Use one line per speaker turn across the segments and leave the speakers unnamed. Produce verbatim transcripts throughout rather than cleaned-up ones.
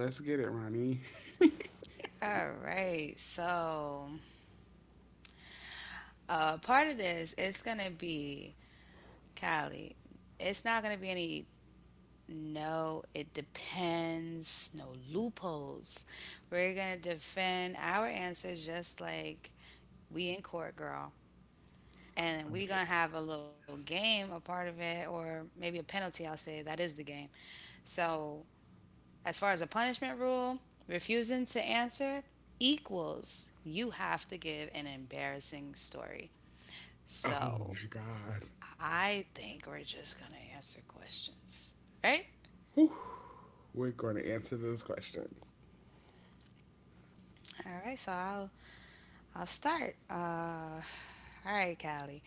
Let's get it, Ronnie.
All right, so uh, part of this is gonna be Callie. It's not gonna be any no, it depends, no loopholes. We're gonna defend our answers just like we in court, girl. And we're gonna have a little game, a part of it or maybe a penalty, I'll say that is the game. So as far as a punishment rule, refusing to answer equals you have to give an embarrassing story.
Oh
So
my god.
I think we're just gonna answer questions, right?
We're going to answer those questions.
All right, so i'll i'll start, uh All right, Callie.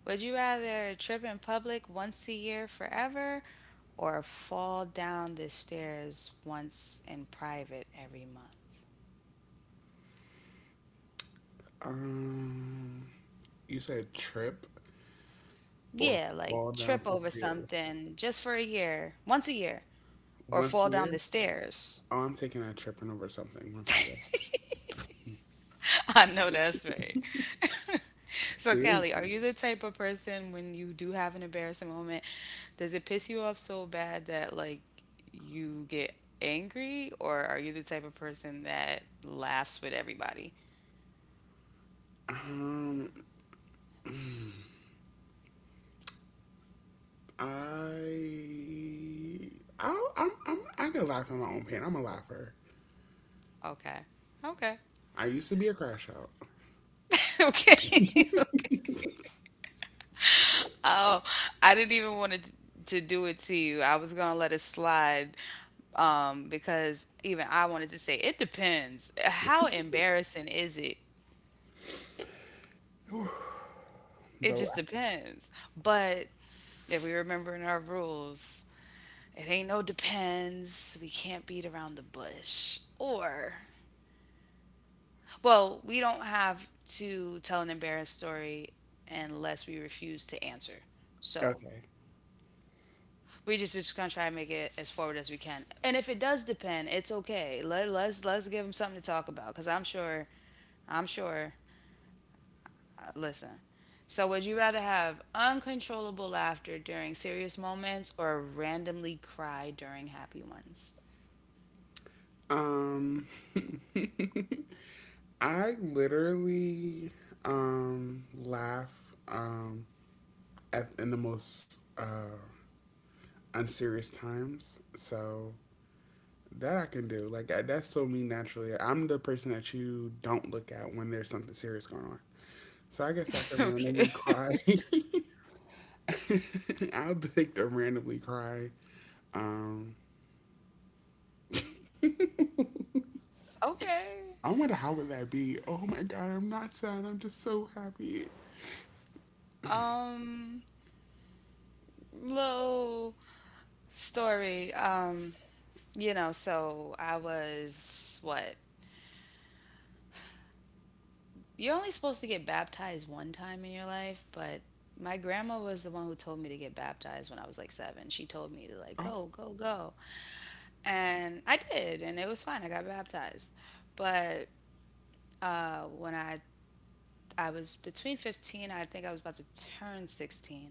Would you rather trip in public once a year forever or fall down the stairs once in private every month?
Um, you said trip or
Yeah, like
fall down
trip
some
over
stairs.
something just for a year, once a year, or
Once
fall
a
down the
year?
stairs.
Oh, I'm taking a tripping over something. One second.
I know that's right. So,
There's,
Callie, are you the type of person when you do have an embarrassing moment, does it piss you off so bad that like you get angry, or are you the type of person that laughs with everybody?
um, I, I, I'm, I'm, I can laugh at my own pain. I'm a laugher.
Okay. Okay.
I used to be a crash out,
Okay. Oh, I didn't even want to to do it to you. I was gonna let it slide, um, because even I wanted to say it depends. How embarrassing is it? It
but
just depends. But if we remember in our rules. It ain't no depends. We can't beat around the bush. Or, well, we don't have to tell an embarrassed story unless we refuse to answer.
I-
So
okay.
we just just gonna try and make it as forward as we can. And if it does depend, it's okay. Let let's let's give them something to talk about. Cause I'm sure, I'm sure. uh, Listen. So would you rather have uncontrollable laughter during serious moments or randomly cry during happy ones?
Um, I literally, um, laugh, um, at in the most uh unserious times. So that I can do. Like I, that's so me naturally. I'm the person that you don't look at when there's something serious going on. So I guess I can randomly cry. I'll take to randomly cry. Um,
Okay.
I wonder how would that be? Oh my god, I'm not sad. I'm just so happy.
Um little story. Um, you know, so I was what? You're only supposed to get baptized one time in your life, but my grandma was the one who told me to get baptized when I was like seven. She told me to like go,
Oh,
go, go, and I did, and it was fine. I got baptized, but uh, when I I was between fifteen, I think I was about to turn sixteen.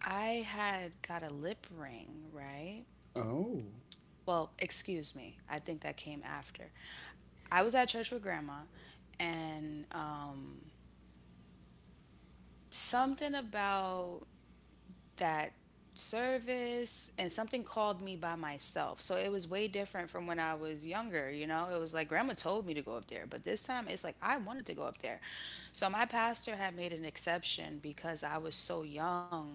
I had got a lip ring, right?
oh,
Well, excuse me. I think that came after. I was at church with grandma, and um, something about that service and something called me by myself. So it was way different from when I was younger, you know? It was like grandma told me to go up there, but this time it's like I wanted to go up there. So my pastor had made an exception because I was so young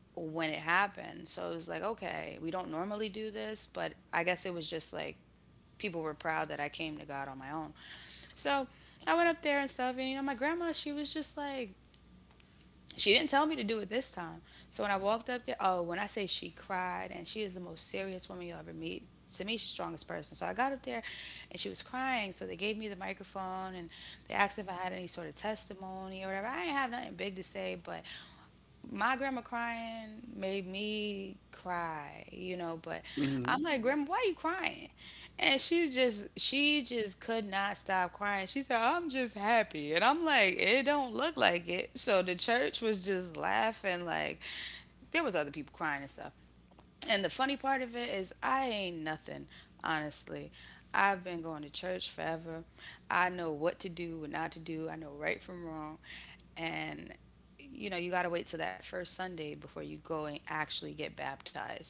when it happened. So it was like, okay, we don't normally do this, but I guess it was just like people were proud that I came to God on my own. So I went up there and stuff, and you know, my grandma, she was just like, she didn't tell me to do it this time. So when I walked up there, oh, when I say she cried, and she is the most serious woman you'll ever meet. To me, she's the strongest person. So I got up there and she was crying. So they gave me the microphone and they asked if I had any sort of testimony or whatever. I didn't have nothing big to say, but my grandma crying made me cry, you know, but
hmm,
I'm like, Grandma, why you crying? And she just she just could not stop crying. She said, I'm just happy. And I'm like, it don't look like it. So the church was just laughing like there was other people crying and stuff. And the funny part of it is, I ain't nothing, honestly. I've been going to church forever. I know what to do, what not to do. I know right from wrong. And, you know, you got to wait till that first Sunday before you go and actually get baptized.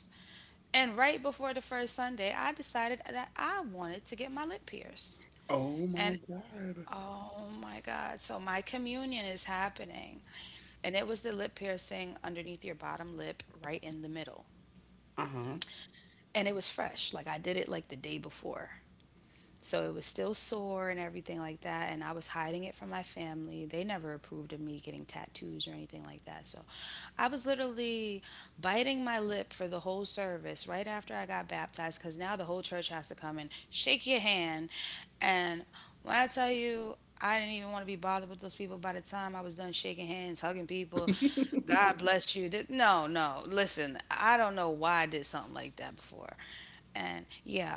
And right before the first Sunday, I decided that I wanted to get my lip pierced.
oh
And
my god.
oh my God. So my communion is happening. And it was the lip piercing underneath your bottom lip, right in the middle,
Uh huh.
and it was fresh. Like I did it like the day before. So it was still sore and everything like that. And I was hiding it from my family. They never approved of me getting tattoos or anything like that. So I was literally biting my lip for the whole service right after I got baptized because now the whole church has to come and shake your hand. And when I tell you, I didn't even want to be bothered with those people by the time I was done shaking hands, hugging people. God bless you. Th- No, no. Listen, I don't know why I did something like that before. And yeah,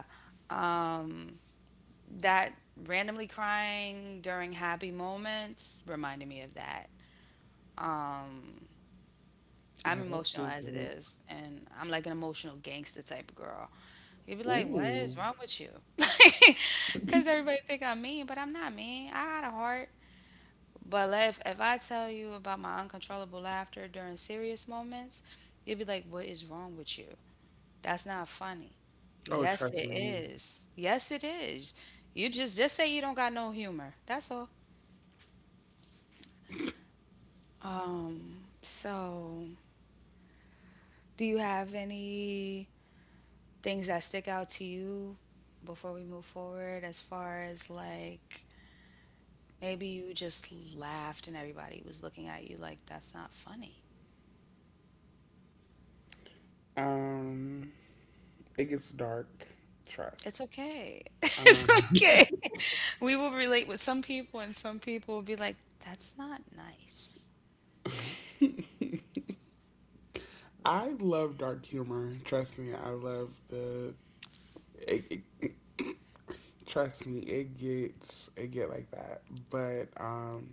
that randomly crying during happy moments reminded me of that. I'm
Oh, that's
emotional
so
as it
dope.
is, and I'm like an emotional gangster type of girl. You'd be like, "What
Ooh.
is wrong with you?" Because everybody think I'm mean, but I'm not mean. I got a heart. But like, if if I tell you about my uncontrollable laughter during serious moments, you'd be like, "What is wrong with you? That's not funny."
Oh,
Yes,
trust
it
me.
is. Yes, it is. You just just say you don't got no humor. That's all. Um, so do you have any things that stick out to you before we move forward as far as like maybe you just laughed and everybody was looking at you like that's not funny?
Um, it gets dark. Trust.
It's okay. It's
Um,
okay. We will relate with some people and some people will be like that's not nice.
I love dark humor. Trust me, I love the. It, it, Trust me, it gets it get like that. But um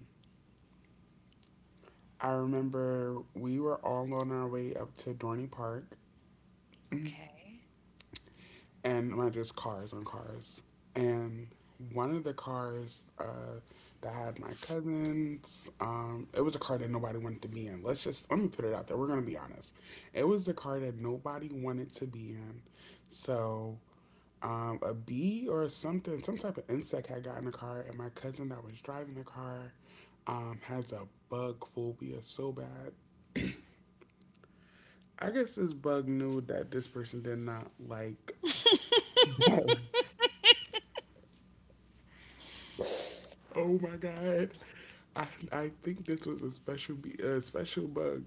I remember we were all on our way up to Dorney Park,
Okay.
and my just cars on cars. And one of the cars uh that had my cousins, um, it was a car that nobody wanted to be in. Let's just let me put it out there. We're gonna be honest. It was a car that nobody wanted to be in. So um, a bee or something, some type of insect had got in the car, and my cousin that was driving the car um, has a bug phobia so bad. I guess this bug knew that this person did not like bugs. Oh my god, I I think this was a special bee, a special bug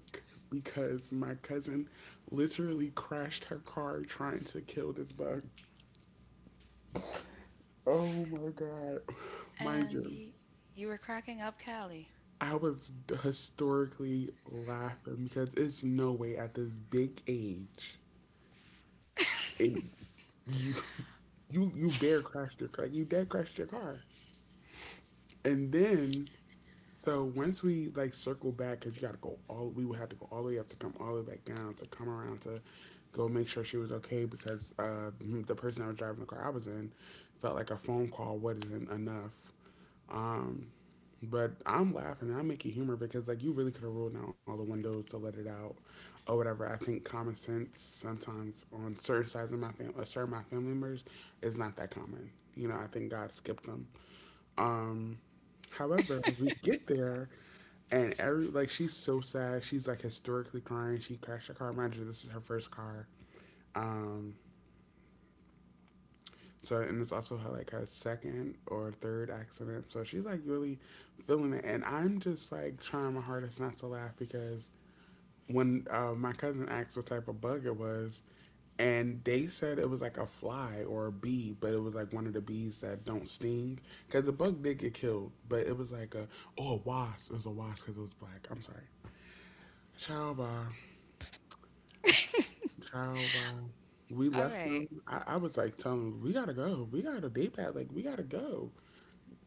because my cousin literally crashed her car trying to kill this bug. Oh my god, mind
And
you,
y- you were cracking up, Callie.
I was historically laughing because it's no way at this big age it, you you you bear crashed your car. You dead crashed your car. And then so once we like circle back because you got to go all we would have to go all the way up to come all the way back down to come around to go make sure she was okay because uh the person I was driving the car I was in felt like a phone call wasn't enough. Um, but I'm laughing and I'm making humor because like you really could have rolled down all the windows to let it out or whatever. I think common sense sometimes on certain sides of my family, certain my family members is not that common. You know, I think God skipped them. Um, However, we get there and every like she's so sad. She's like historically crying. She crashed her car. Mind you, this is her first car. Um, so and it's also her like her second or third accident. So she's like really feeling it, and I'm just like trying my hardest not to laugh because when uh, my cousin asked what type of bug it was, and they said it was like a fly or a bee, but it was like one of the bees that don't sting because the bug did get killed, but it was like a oh a wasp. It was a wasp because it was black. I'm sorry. Ciao, bye. Ciao, bye. We
All
left them.
right.
I, I was like telling them, we gotta go. We got a day pad. Like we gotta go.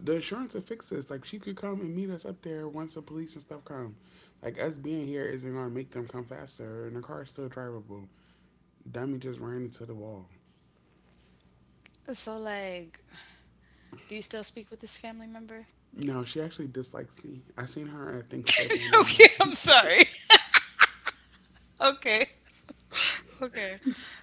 The insurance will fix this. Like she could come and meet us up there once the police and stuff come. Like us being here isn't gonna make them come faster, and the car is still drivable. Dummy just ran into the wall.
So like, do you still speak with this family member?
No, she actually dislikes me. I seen her at Thanksgiving and-
Okay, I'm sorry. Okay, okay.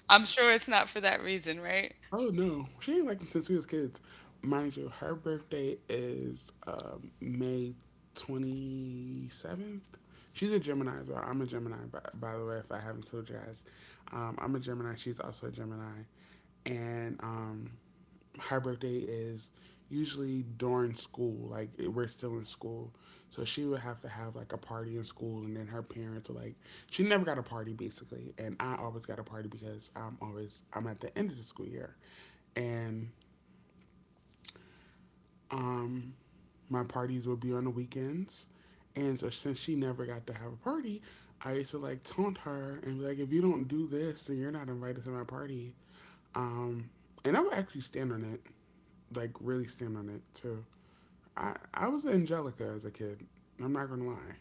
I'm sure it's not for that reason, right?
Oh no, she ain't liked me since we was kids. Mind you, her birthday is um, May twenty seventh. She's a Gemini as well. I'm a Gemini, by, by the way. If I haven't told you guys, um, I'm a Gemini. She's also a Gemini, and um, her birthday is usually during school, like it- we're still in school. So she would have to have like a party in school, and then her parents were like, she never got a party basically, and I always got a party because I'm always I'm at the end of the school year, and um my parties would be on the weekends, and so since she never got to have a party, I used to like taunt her and be like, if you don't do this, then you're not invited to my party, um and I would actually stand on it, like really stand on it too. I I was Angelica as a kid. I'm not gonna lie.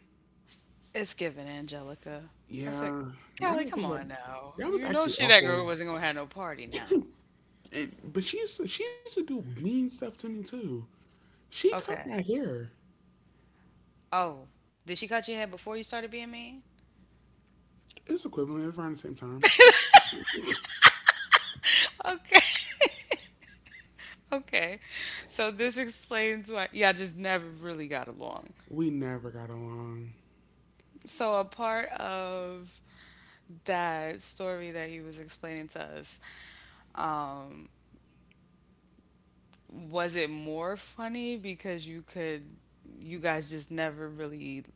It's given, Angelica. I said,
Yeah, now
Callie,
that I
come
think about it,
on now.
that was
You know
actually
she that girl
awful.
wasn't gonna have no party now.
And, but she used to, she used to do mean stuff to me too. She cut
Okay.
my hair.
Oh, did she cut your hair before you started being mean?
It's equivalent around the same time.
Okay. So this explains why y'all just never really got along.
We never got along.
So a part of that story that you was explaining to us, was it more funny because you could, you guys just never really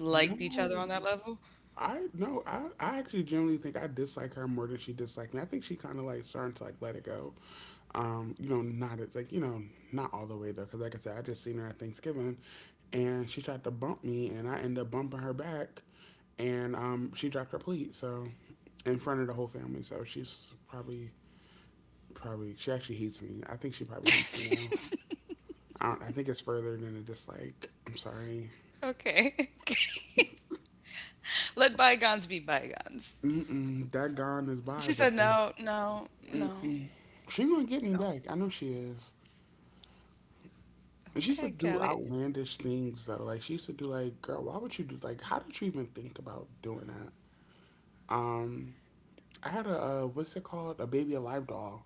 liked each other
No,
on that level?
I no, I, I actually generally think I dislike her more than she disliked me. I think she kind of like starting to like let it go. Um, you know, not it's like you know, not all the way though, because like I said, I just seen her at Thanksgiving, and she tried to bump me, and I ended up bumping her back, and um, she dropped her plate. So in front of the whole family. So she's probably probably she actually hates me. I think she probably hates me now. I, don't, I think it's further than a dislike. I'm sorry.
Okay. Let bygones be bygones.
Mm-mm, that gone is by,
She
but
said, no, no, no,
mm-mm. She gonna get me
no.
back. I know she is. And she used to
Okay,
do
Kelly.
outlandish things though. Like she used to do like, girl, why would you do like? How did you even think about doing that? Um, I had a uh, what's it called? A baby alive doll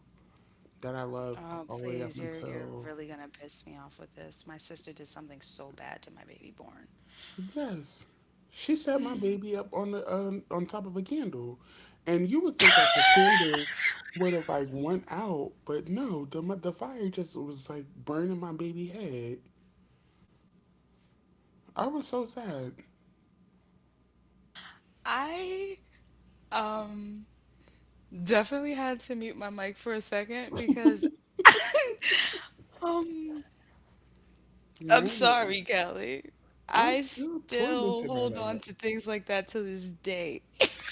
that I loved
Oh,
all the way up
please, you're you're
until
really gonna piss me off with this. My sister did something so bad to my baby born.
yes, she set my baby up on the um, on top of a candle, and you would think like the candle would have like went out, but no, the mo- the fire just was like burning my baby head. I was so sad.
I um definitely had to mute my mic for a second because, oh, I'm
No,
sorry, Kelly.
I'm
I
still
still
tormented by
hold on
that.
to things like that to this day.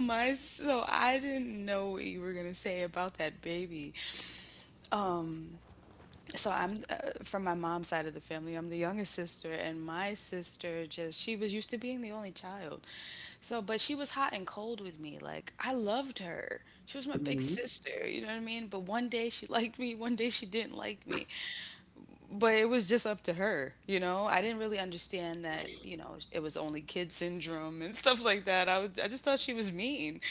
My so I didn't know what you were gonna say about that baby. Um, so I'm uh, from my mom's side of the family. I'm the youngest sister, and my sister just she was used to being the only child. So, but she was hot and cold with me. Like I loved her. She was my big
Hmm.
sister, you know what I mean? But one day she liked me, one day she didn't like me, but it was just up to her, you know? I didn't really understand that, you know, it was only kid syndrome and stuff like that. I was, I just thought she was mean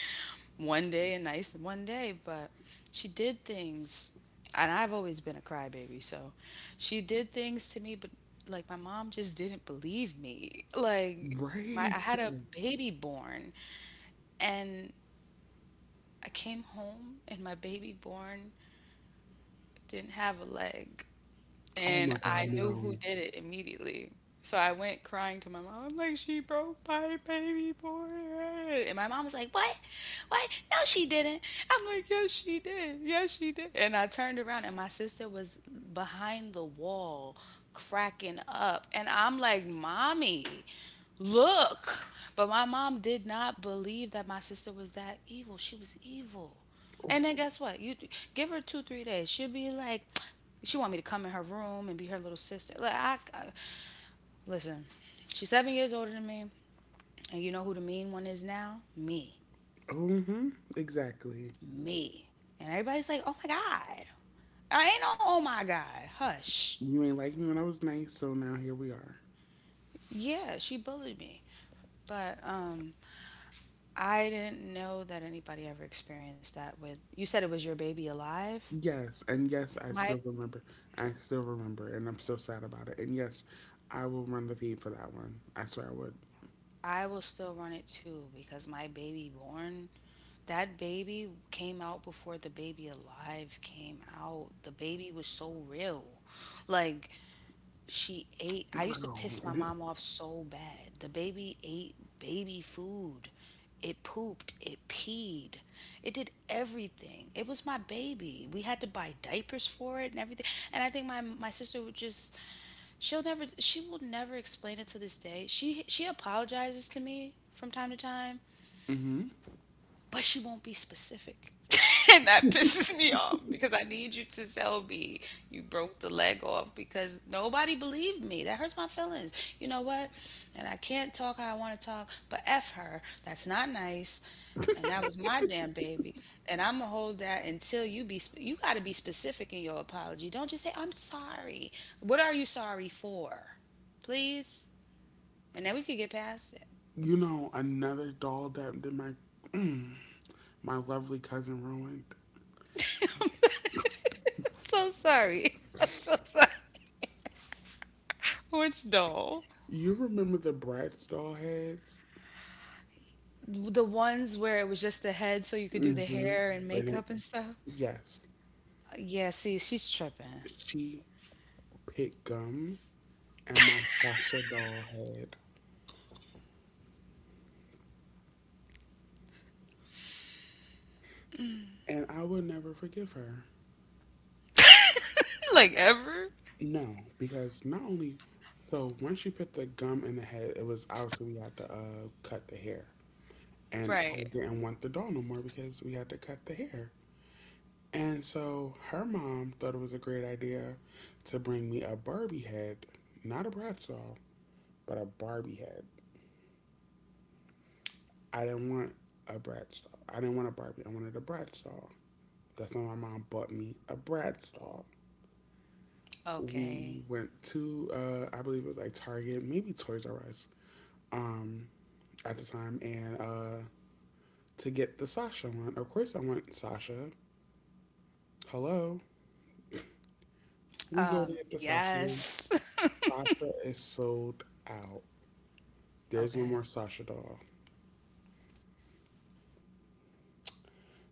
one day and nice one day, but she did things. And I've always been a crybaby, so she did things to me, but like my mom just didn't believe me. Like my I
Right.
had a baby born, and I came home and my baby born didn't have a leg.
Oh my
And
God,
I knew who
no.
did it immediately. So I went crying to my mom. I'm like, she broke my baby boy. And my mom was like, what? What? No, she didn't. I'm like, yes, she did. Yes, she did. And I turned around and my sister was behind the wall cracking up. And I'm like, mommy, look. But my mom did not believe that my sister was that evil. She was evil.
Oh,
And then guess what? You give her two, three days. She'll be like, she want me to come in her room and be her little sister. Like I, I listen, she's seven years older than me, and you know who the mean one is now? Me,
hmm. Exactly.
me. And everybody's like, oh my god. I ain't no oh my god. Hush.
You ain't like me when I was nice, so now here we are.
Yeah, she bullied me, but um, I didn't know that anybody ever experienced that with. You said it was your baby alive.
Yes, and yes, I
My
still remember. I still remember, and I'm so sad about it. And yes, I will run the feed for that one. I swear I would.
I will still run it too because my baby born, that baby came out before the baby alive came out. The baby was so real. Like she ate, I used to piss my
Bro,
mom off so bad. The baby ate baby food. It pooped, it peed, it did everything. It was my baby. We had to buy diapers for it and everything. And I think my my sister would just she'll never she will never explain it to this day, she she apologizes to me from time to time,
mm-hmm.
but she won't be specific. And that pisses me off because I need you to tell me you broke the leg off because nobody believed me. That hurts my feelings. You know what? And I can't talk how I want to talk, but F her. That's not nice. And that was my damn baby. And I'm going to hold that until you be, sp- you got to be specific in your apology. Don't just say, I'm sorry. What are you sorry for? Please. And then we could get past it.
You know another doll that, that my my lovely cousin ruined.
So sorry. I'm so sorry. Which no.
You remember the Bratz doll heads?
The ones where it was just the head so you could do the
Mm-hmm.
hair and
Like, that-
makeup and stuff.
yes,
Yeah, see, she's tripping.
she picked gum and my Sasha doll head, and I will never forgive her.
Like ever?
No, because not only so once she put the gum in the head, it was obviously we had to uh, cut the hair, and I
Right.
didn't want the doll no more because we had to cut the hair. And so her mom thought it was a great idea to bring me a Barbie head, not a Bratz doll, but a Barbie head. I didn't want a Bratz doll. I didn't want a Barbie. I wanted a Bratz doll. That's when my mom bought me a Bratz doll. We
Okay.
went to uh, I believe it was like Target, maybe Toys R Us. Um, at the time, and uh, to get the Sasha one. Of course, I want Sasha. Hello, we go to
Um,
get the Sasha one.
yes.
Sasha is sold out. There's no
Okay.
more Sasha doll.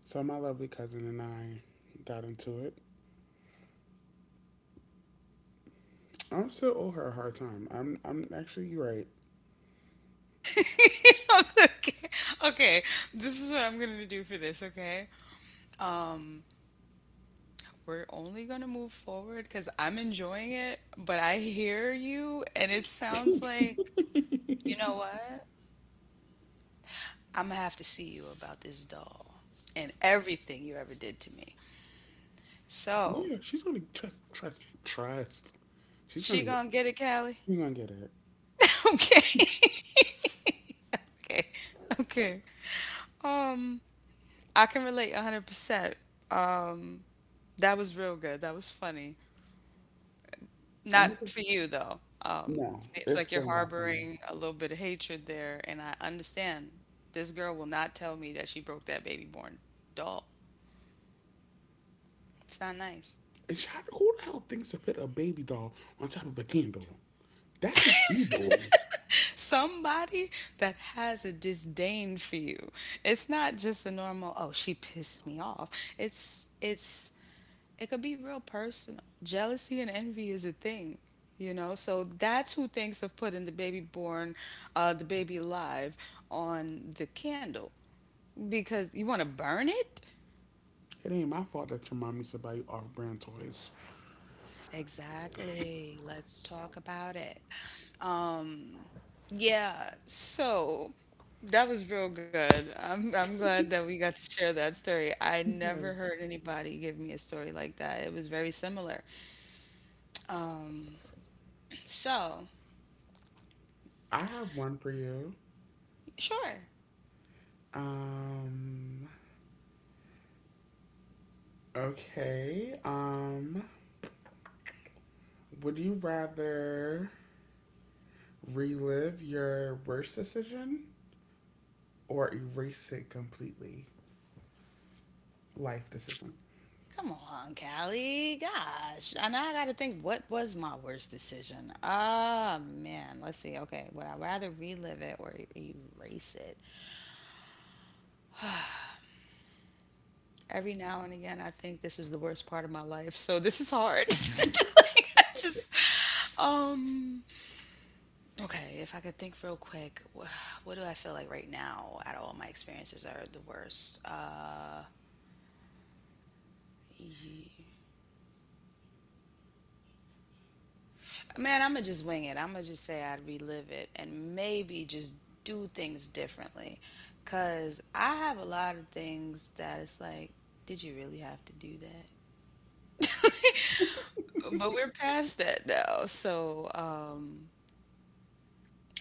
So my lovely cousin and I got into it. I'm still owe her a hard time. I'm I'm actually you're right.
Okay. Okay. This is what I'm gonna do for this, okay? We're only gonna move forward because I'm enjoying it, but I hear you and it sounds like, you know what? I'm gonna have to see you about this doll and everything you ever did to me. So,
Yeah, she's gonna trust trust trust. She's gonna
she
get
gonna get it, Callie.
she's gonna get it.
Okay. Okay. Okay. Um, I can relate one hundred percent. That was real good. That was funny.
I'm
Not
gonna
for you though. Um,
No,
seems
it's
like you're
still not for me.
harboring a little bit of hatred there, and I understand. This girl will not tell me that she broke that baby born doll. It's not nice.
And shot, who the hell thinks to put a baby doll on top of a candle? That is evil.
Somebody that has a disdain for you. It's not just a normal, oh, she pissed me off. It's it's it could be real personal. Jealousy and envy is a thing, you know. So that's who thinks of putting the baby born, uh, the baby alive on the candle because you want to burn it.
It ain't my fault that your mom used to buy you off-brand toys.
Exactly. Let's talk about it. Um, yeah. So that was real good. I'm I'm glad that we got to share that story. I never heard
Yes.
anybody give me a story like that. It was very similar. So
I have one for you.
sure.
Um. Okay. Um. Would you rather relive your worst decision or erase it completely? Life decision.
Come on, Callie. Gosh. And now I got to think, what was my worst decision? Ah, man. Let's see. Okay. Would I rather relive it or e- erase it? Every now and again, I think this is the worst part of my life. So this is hard. Like, I just, um, okay. If I could think real quick, wh- what do I feel like right now out of all my experiences are the worst? Man, I'm gonna just wing it. I'm gonna just say I'd relive it and maybe just do things differently. Cause I have a lot of things that it's like, did you really have to do that? But we're past that now. So uh,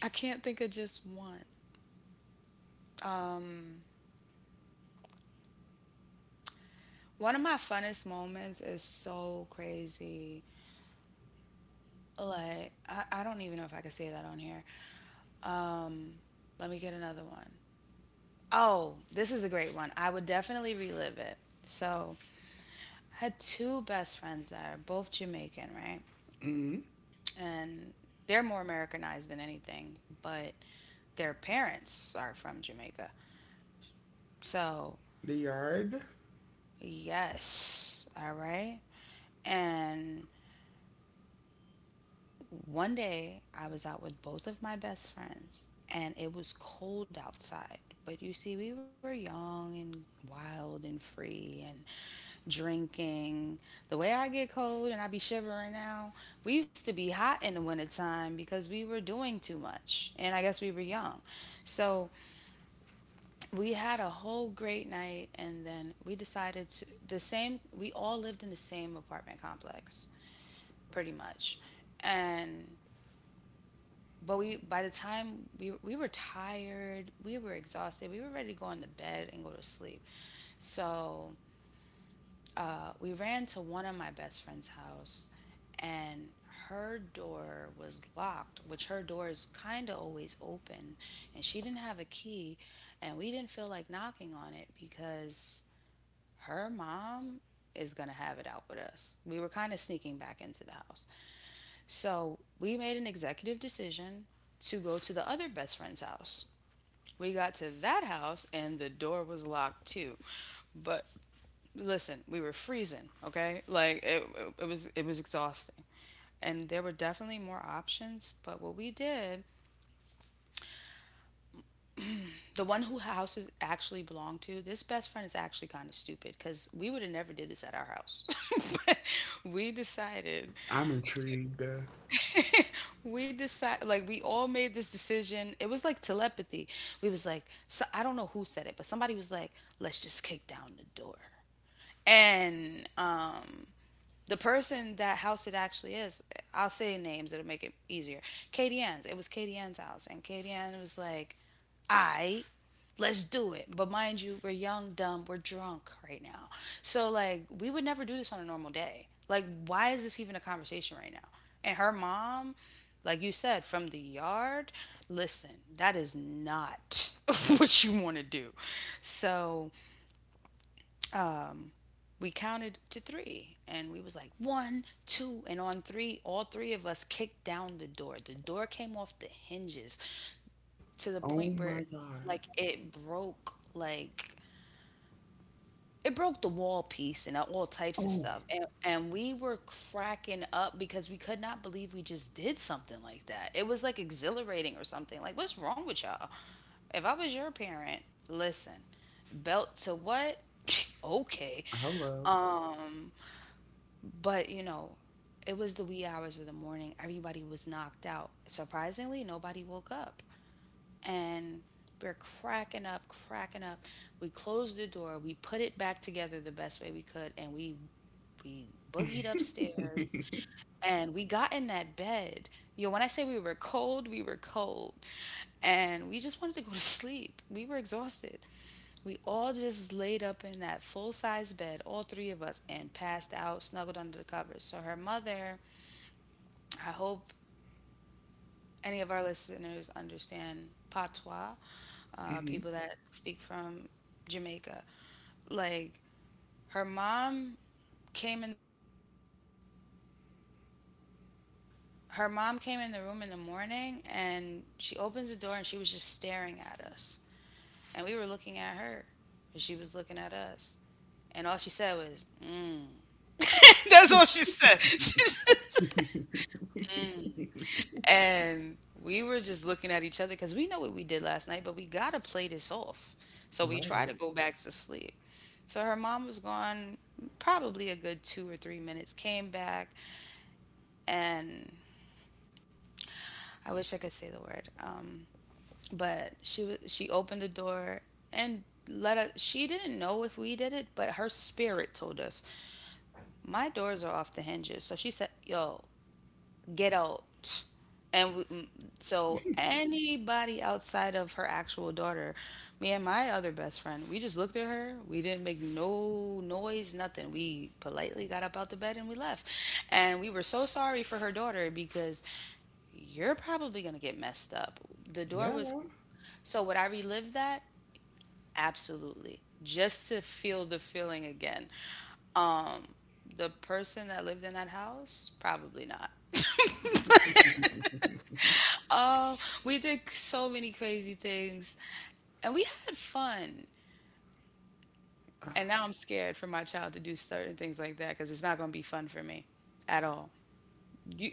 I can't think of just one. One of my funnest moments is so crazy. Like, I, I don't even know if I could say that on here. Um, Let me get another one. Oh, this is a great one. I would definitely relive it. So had two best friends that are both Jamaican, right?
Hmm.
And they're more Americanized than anything, but their parents are from Jamaica. So,
The yard.
yes, all right. And one day, I was out with both of my best friends, and it was cold outside. But you see, we were young and wild and free and drinking. The way I get cold and I be shivering now, we used to be hot in the wintertime because we were doing too much. And I guess we were young. So we had a whole great night, and then we decided to the same, we all lived in the same apartment complex, pretty much. And but we by the time we we were tired, we were exhausted, we were ready to go in the bed and go to sleep. So uh, we ran to one of my best friend's house, and her door was locked, which her door is kind of always open, and she didn't have a key, and we didn't feel like knocking on it because her mom is gonna have it out with us. We were kind of sneaking back into the house. So we made an executive decision to go to the other best friend's house. We got to that house and the door was locked too. But listen, we were freezing, okay? Like it, it, it was it was exhausting. And there were definitely more options, but what we did, the one who houses actually belonged to, this best friend is actually kind of stupid because we would have never did this at our house. But we decided
I'm intrigued.
we decided, like, we all made this decision. It was like telepathy. We was like, so I don't know who said it, but somebody was like, let's just kick down the door. And the person that house it actually is, I'll say names, it'll make it easier. Katie Ann's. It was Katie Ann's house. And Katie Ann was like, I, let's do it. But mind you, we're young, dumb, we're drunk right now. So, like, we would never do this on a normal day. Like, why is this even a conversation right now? And her mom, like you said, from the yard, listen, that is not what you want to do. So, we counted to three and we was like one two, and on three all three of us kicked down the door. The door came off the hinges to the
Oh
point
my
where,
god.
like, it broke like it broke the wall piece and all types of
Oh,
stuff. And, and we were cracking up because we could not believe we just did something like that. It was like exhilarating or something. Like, what's wrong with y'all? If I was your parent, listen, belt to what. Okay.
hello.
Um, But you know, it was the wee hours of the morning. Everybody was knocked out. Surprisingly, nobody woke up. And we're cracking up, cracking up. We closed the door. We put it back together the best way we could. And we we boogied upstairs
Mhm.
and we got in that bed. Yo, when I say we were cold, we were cold. And we just wanted to go to sleep. We were exhausted. We all just laid up in that full size bed, all three of us, and passed out, snuggled under the covers. So her mother, I hope any of our listeners understand patois, uh, people that speak from Jamaica. Like, her mom came in her mom came in the room in the morning and she opens the door and she was just staring at us. And we were looking at her and she was looking at us. And all she said was, she said. And we were just looking at each other because we know what we did last night, but we gotta play this off. So we try
Right.
to go back to sleep. So her mom was gone probably a good two or three minutes, came back, and I wish I could say the word. Um, but she wa- she opened the door and let us. She didn't know if we did it, but her spirit told us. My doors are off the hinges, so she said, "Yo, get out." And we, mm, so anybody outside of her actual daughter, me and my other best friend, we just looked at her. We didn't make no noise, nothing. We politely got up out the bed and we left. And we were so sorry for her daughter because you're probably going to get messed up. The door
Yeah.
was so would I relive that? Absolutely. Just to feel the feeling again. The person that lived in that house? Probably not. We did so many crazy things and we had fun. And now I'm scared for my child to do certain things like that because it's not going to be fun for me at all. You,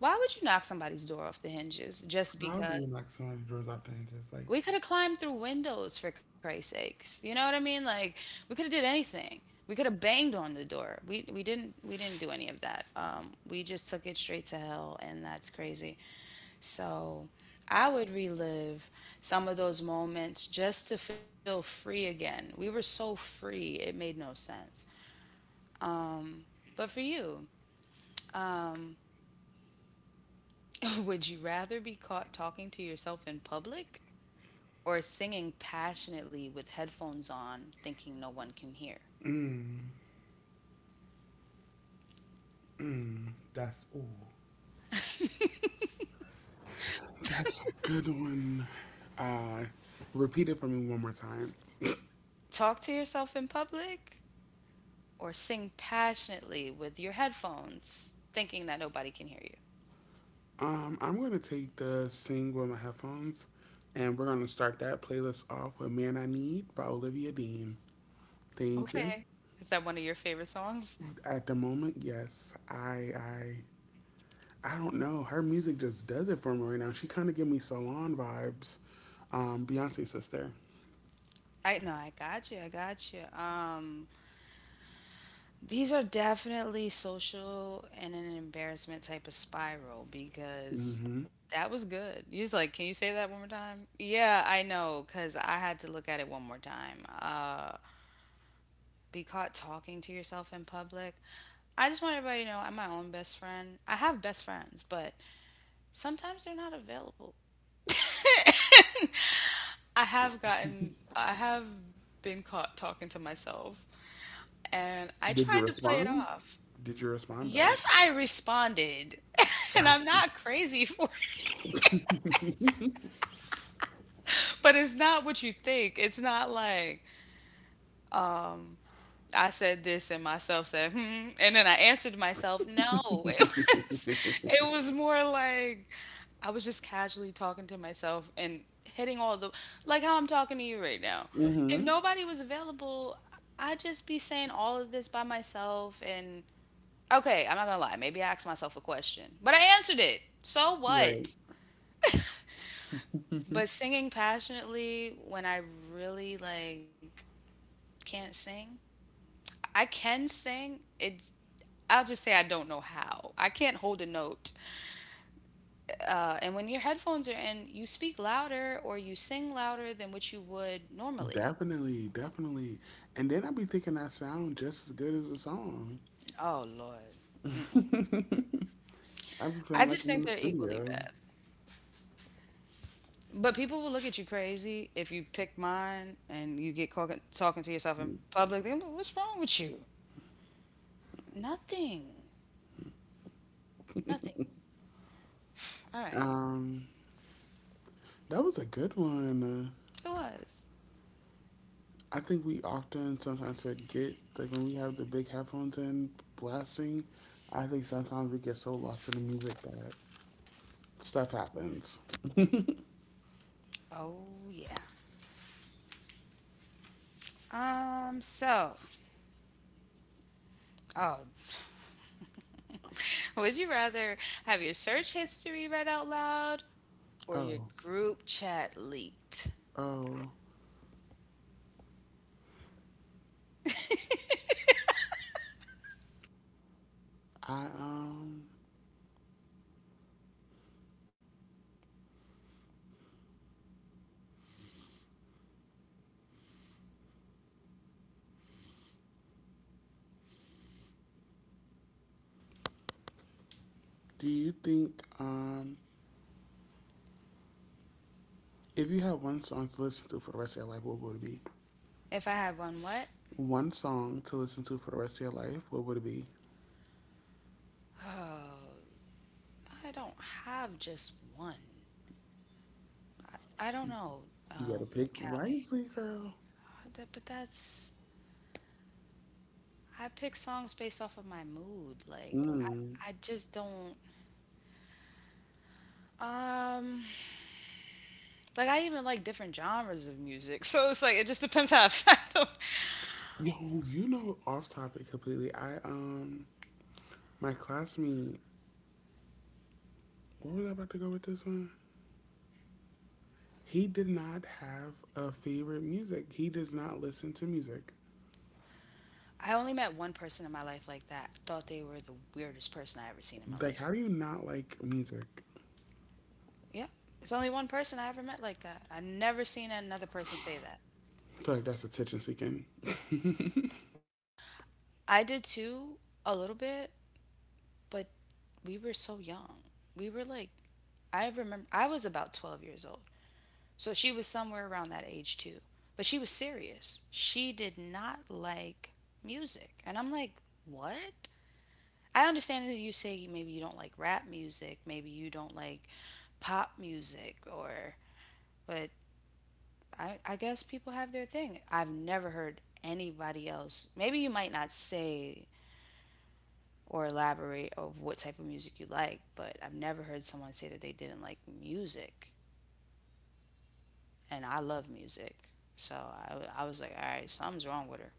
why would you knock somebody's door off the hinges just
How do
because?
you like somebody draws out the angels.
We
Like
could have climbed through windows for Christ's sakes. You know what I mean? Like, we could have did anything. We could have banged on the door. We we didn't we didn't do any of that. Um, we just took it straight to hell, and that's crazy. So I would relive some of those moments just to feel free again. We were so free, it made no sense. But for you, would you rather be caught talking to yourself in public or singing passionately with headphones on, thinking no one can hear?
that's ooh. That's a good one. Uh Repeat it for me one more time.
Talk to yourself in public or sing passionately with your headphones, thinking that nobody can hear you.
Um, I'm gonna take the sing with my headphones, and we're gonna start that playlist off with Man I Need by Olivia Dean. Thank you.
Okay. Is that one of your favorite songs?
At the moment, yes. I I I don't know. Her music just does it for me right now. She kind of give me salon vibes. Um, Beyonce sister.
I know, I got you. I got you. Um, these are definitely social and an embarrassment type of spiral because
Hmm.
that was good. You was like, can you say that one more time? Yeah, I know, because I had to look at it one more time. Uh, be caught talking to yourself in public. I just want everybody to know I'm my own best friend. I have best friends, but sometimes they're not available. I have gotten, I have been caught talking to myself, and I
Did you
tried to play it
respond?
off.
Did you respond though?
Yes, I responded, and I'm not crazy for it, but it's not what you think. It's not like, I said this and myself said, hmm. And then I answered myself, no. It was it was more like I was just casually talking to myself and hitting all the like how I'm talking to you right now. If
Hmm.
nobody was available, I'd just be saying all of this by myself and okay, I'm not gonna lie, maybe I asked myself a question. But I answered it. So
Right.
what? But singing passionately when I really like can't sing. I can sing. It I'll just say I don't know how. I can't hold a note. Uh, and when your headphones are in, you speak louder or you sing louder than what you would normally.
Definitely, definitely. And then I be thinking I sound just as good as the song.
Oh Lord.
I be
I
feeling
just
like
think
I'm in
they're
the
equally
studio.
bad. But people will look at you crazy if you pick mine and you get talking, talking to yourself in public. They're like, what's wrong with you? Nothing. Nothing. All right.
Um, that was a good one.
It was.
Uh, I think we often sometimes forget, like when we have the big headphones in blasting. I think sometimes we get so lost in the music that stuff happens.
Oh yeah. Um, so, oh, would you rather have your search history read out loud or your
Oh,
group chat leaked?
oh, I, um, do you think, um, if you had one song to listen to for the rest of your life, what would it be?
If I have one, what?
One song to listen to for the rest of your life, what would it be?
Oh, I don't have just one. I don't know,
You
um,
better pick
Callie.
wisely, girl.
Uh, that- But that's I pick songs based off of my mood. Like
Mm.
I, I just don't. Um, like I even like different genres of music. So it's like it just depends how I find 'em.
Yo, you know, off topic completely. I, um, my classmate, where was I about to go with this one? He did not have a favorite music. He does not listen to music.
I only met one person in my life like that. Thought they were the weirdest person I ever seen in my
Like,
life.
how do you not like music?
Yeah. It's only one person I ever met like that. I never seen another person say that.
I feel like that's attention seeking.
I did too, a little bit, but we were so young. We were like, I remember, I was about twelve years old. So she was somewhere around that age too. But she was serious. She did not like music. And I'm like, what? I understand that you say maybe you don't like rap music, maybe you don't like pop music, or, but I, I guess people have their thing. I've never heard anybody else. Maybe you might not say or elaborate of what type of music you like, but I've never heard someone say that they didn't like music. And I love music. So I I was like, all right, something's wrong with her.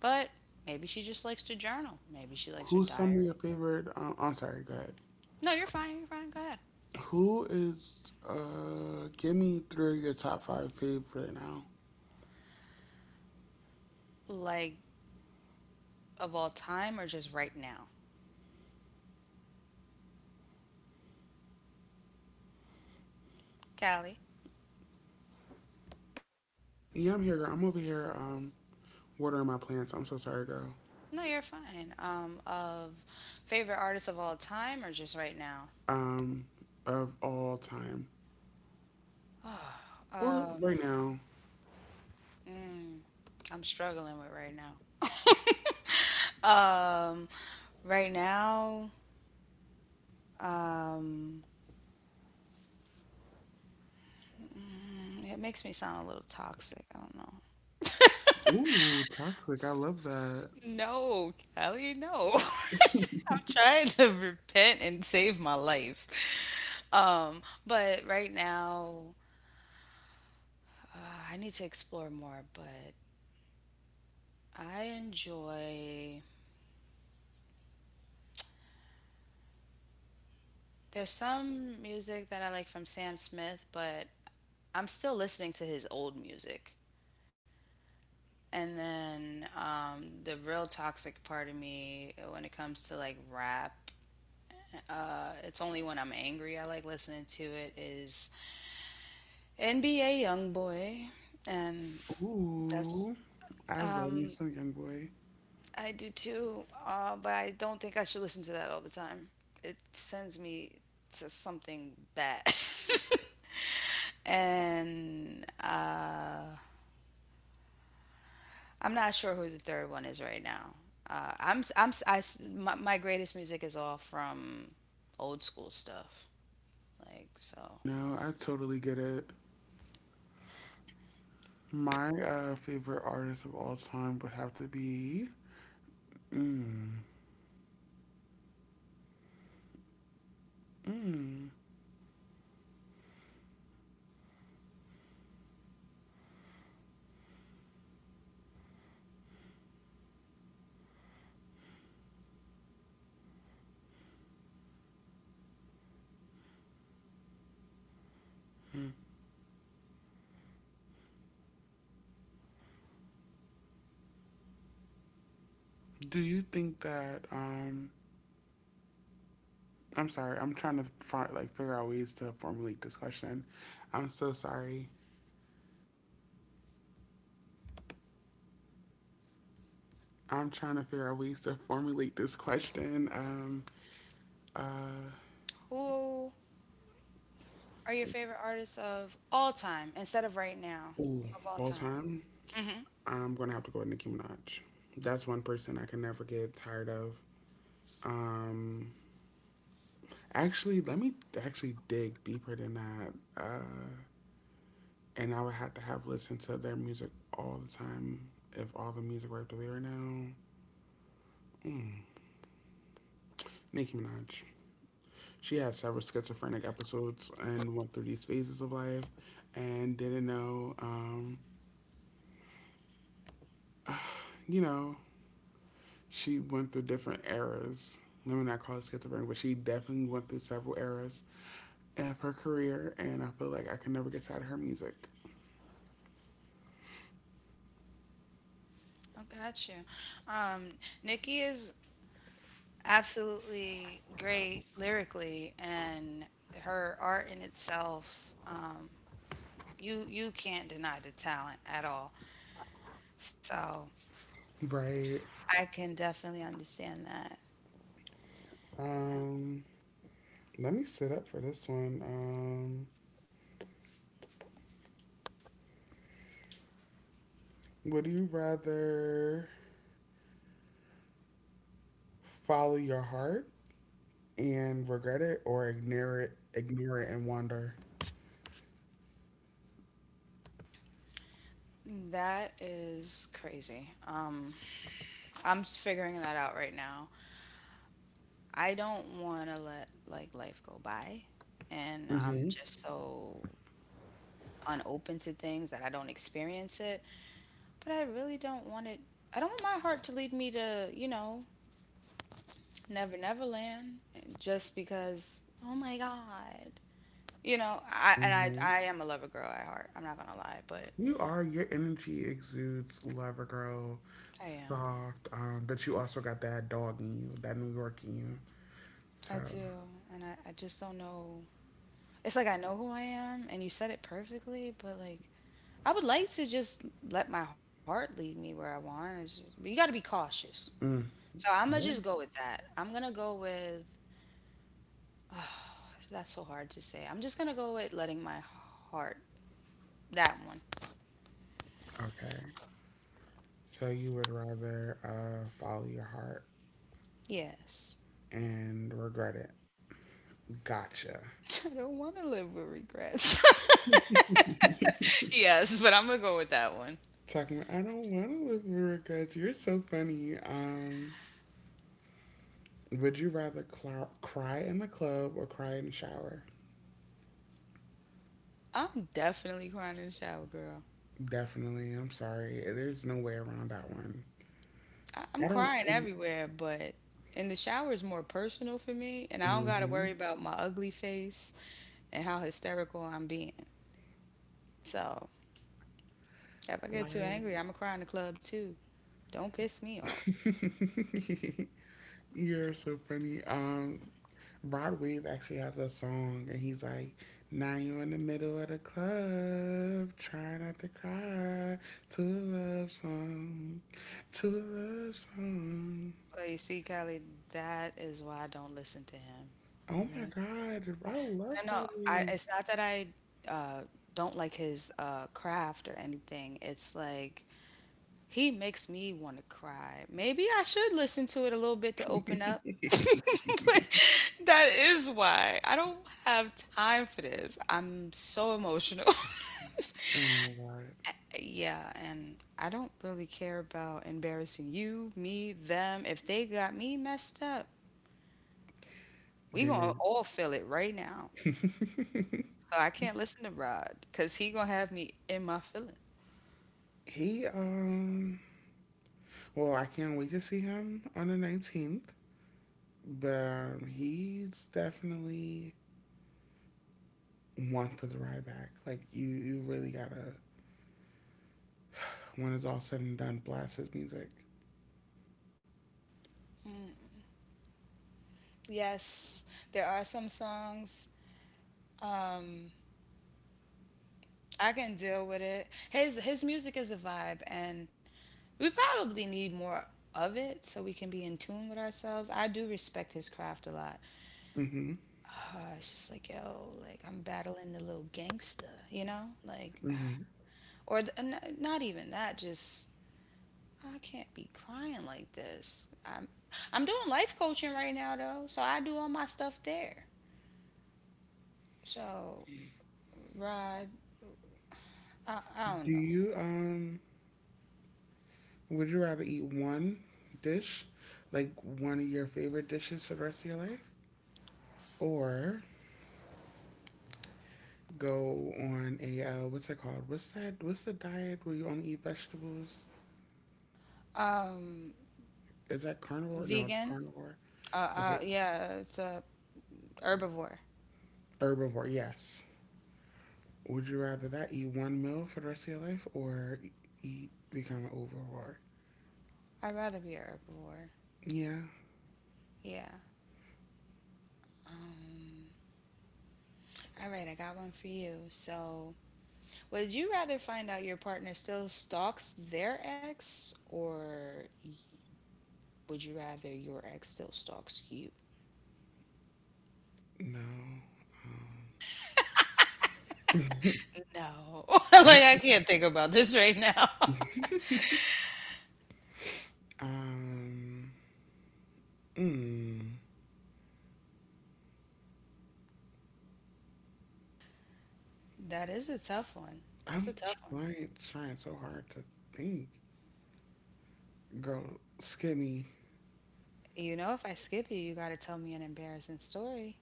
But maybe she just likes to journal. Maybe she likes her
Who's some of your
diary.
favorite? Um, I'm sorry, go ahead.
No, you're fine. You're fine. Go ahead.
Who is, uh, give me three of your top five faves right now.
Like, of all time or just right now? Callie?
Yeah, I'm here, girl. I'm over here, um, watering my plants. I'm so sorry, girl.
No, you're fine. Um, of favorite artists of all time or just right now?
Um, of all time. Or right now.
I'm struggling with right now. Right now, um, it makes me sound a little toxic. I don't know.
Ooh, toxic. I love that.
No, Callie, no. I'm trying to repent and save my life. Um, but right now, uh, I need to explore more, but I enjoy there's some music that I like from Sam Smith, but I'm still listening to his old music. And then um, the real toxic part of me when it comes to like rap, uh, it's only when I'm angry I like listening to it is N B A YoungBoy, and that's
Ooh, I love
um,
me some young boy.
I do too. Uh, but I don't think I should listen to that all the time. It sends me to something bad. and uh, I'm not sure who the third one is right now. Uh, I'm s- I'm s- I s- my, my greatest music is all from old school stuff. Like so,
No, I totally get it. My uh, favorite artist of all time would have to be. Mm, do you think that um I'm sorry. I'm trying to fi- like figure out ways to formulate this question. I'm so sorry. I'm trying to figure out ways to formulate this question. Um, uh,
who are your favorite artists of all time instead of right now
ooh,
of all
all
time?
time.
Mm-hmm.
I'm gonna have to go with Nicki Minaj. That's one person I can never get tired of. Um, actually, let me actually dig deeper than that. Uh, and I would have to have listened to their music all the time if all the music were up to be right now. Nicki Minaj. She had several schizophrenic episodes and went through these phases of life and didn't know, um, you know, she went through different eras. Let me not call it schizophrenic, but she definitely went through several eras of her career, and I feel like I can never get tired of her music.
I got you. Um, Nikki is absolutely great lyrically, and her art in itself, um, you you can't deny the talent at all. So
Right.
I can definitely understand that.
Um, let me sit up for this one. Um, would you rather follow your heart and regret it or ignore it, ignore it and wander?
That is crazy. Um, I'm s- figuring that out right now. I don't want to let like life go by, and I'm
Mm-hmm.
just so unopen to things that I don't experience it. But I really don't want it. I don't want my heart to lead me to, you know, Never Never Land just because, oh my God. You know, I and I
Mm-hmm.
I am a lover girl at heart. I'm not gonna lie, but
You are, your energy exudes lover girl,
I am.
soft, um, but you also got that dog in you, that New York in you. So,
I do. And I, I just don't know. It's like I know who I am and you said it perfectly, but like I would like to just let my heart lead me where I want. It's just, but you got to be cautious.
mm,
So I'm gonna just
yeah,
go with that. I'm gonna go with that's so hard to say. I'm just gonna go with letting my heart that one.
okay. So you would rather uh, follow your heart
Yes.
and regret it. Gotcha.
I don't want to live with regrets. Yes, but I'm going to go with that one.
Talking about, I don't want to live with regrets. You're so funny. Um, would you rather cl- cry in the club or cry in the shower?
I'm definitely crying in the shower, girl.
Definitely. I'm sorry. There's no way around that one.
I-
I
I'm
don't.
crying
Um,
everywhere, but in the shower is more personal for me, and I don't got to
mm-hmm.
worry about my ugly face and how hysterical I'm being. So if I get too
I
angry, I'm going to cry in the club too. Don't piss me off.
You're so funny. Um, Rod Wave actually has a song, and he's like, "Now you in the middle of the club, try not to cry to a love song, to a love song."
But you see, Kelly, that is why I don't listen to him.
Oh my
Okay?
God, I love
No, no,
Rod
I,
Wave.
it's not that I uh, don't like his uh, craft or anything. It's like he makes me want to cry. Maybe I should listen to it a little bit to open up. But that is why I don't have time for this. I'm so emotional.
Oh my God,
Yeah, and I don't really care about embarrassing you, me, them. If they got me messed up, we gonna
Dennis.
all feel it right now. So I can't listen to Rod because he gonna have me in my feelings.
He um, well, I can't wait to see him on the nineteenth. But um, he's definitely one for the ride back. Like you, you really gotta when it's all said and done, blast his music.
Yes, there are some songs. Um, I can deal with it. His his music is a vibe, and we probably need more of it so we can be in tune with ourselves. I do respect his craft a lot.
Mm-hmm.
Uh, it's just like yo, like I'm battling the little gangster, you know, like
Mm-hmm.
or the, n- not even that. Just I can't be crying like this. I'm I'm doing life coaching right now though, so I do all my stuff there. So Rod, I, I
Do
don't know.
you um? Would you rather eat one dish, like one of your favorite dishes for the rest of your life, or go on a uh, what's it called? What's that? What's the diet where you only eat vegetables?
Um,
Is that carnivore? No,
Vegan.
carnivore.
Uh,
Okay,
uh, yeah, it's a herbivore.
herbivore. Yes. Would you rather that eat one meal for the rest of your life or eat become an overwrought?
I'd rather be a herbivore.
Yeah,
Yeah. Um, all right, I got one for you. So, would you rather find out your partner still stalks their ex, or would you rather your ex still stalks you?
no.
No. Like, I can't think about this right now.
um, mm,
That is a tough one. That's a
I'm
tough one.
trying trying so hard to think. Girl, skinny.
You know, if I skip you, you got to tell me an embarrassing story.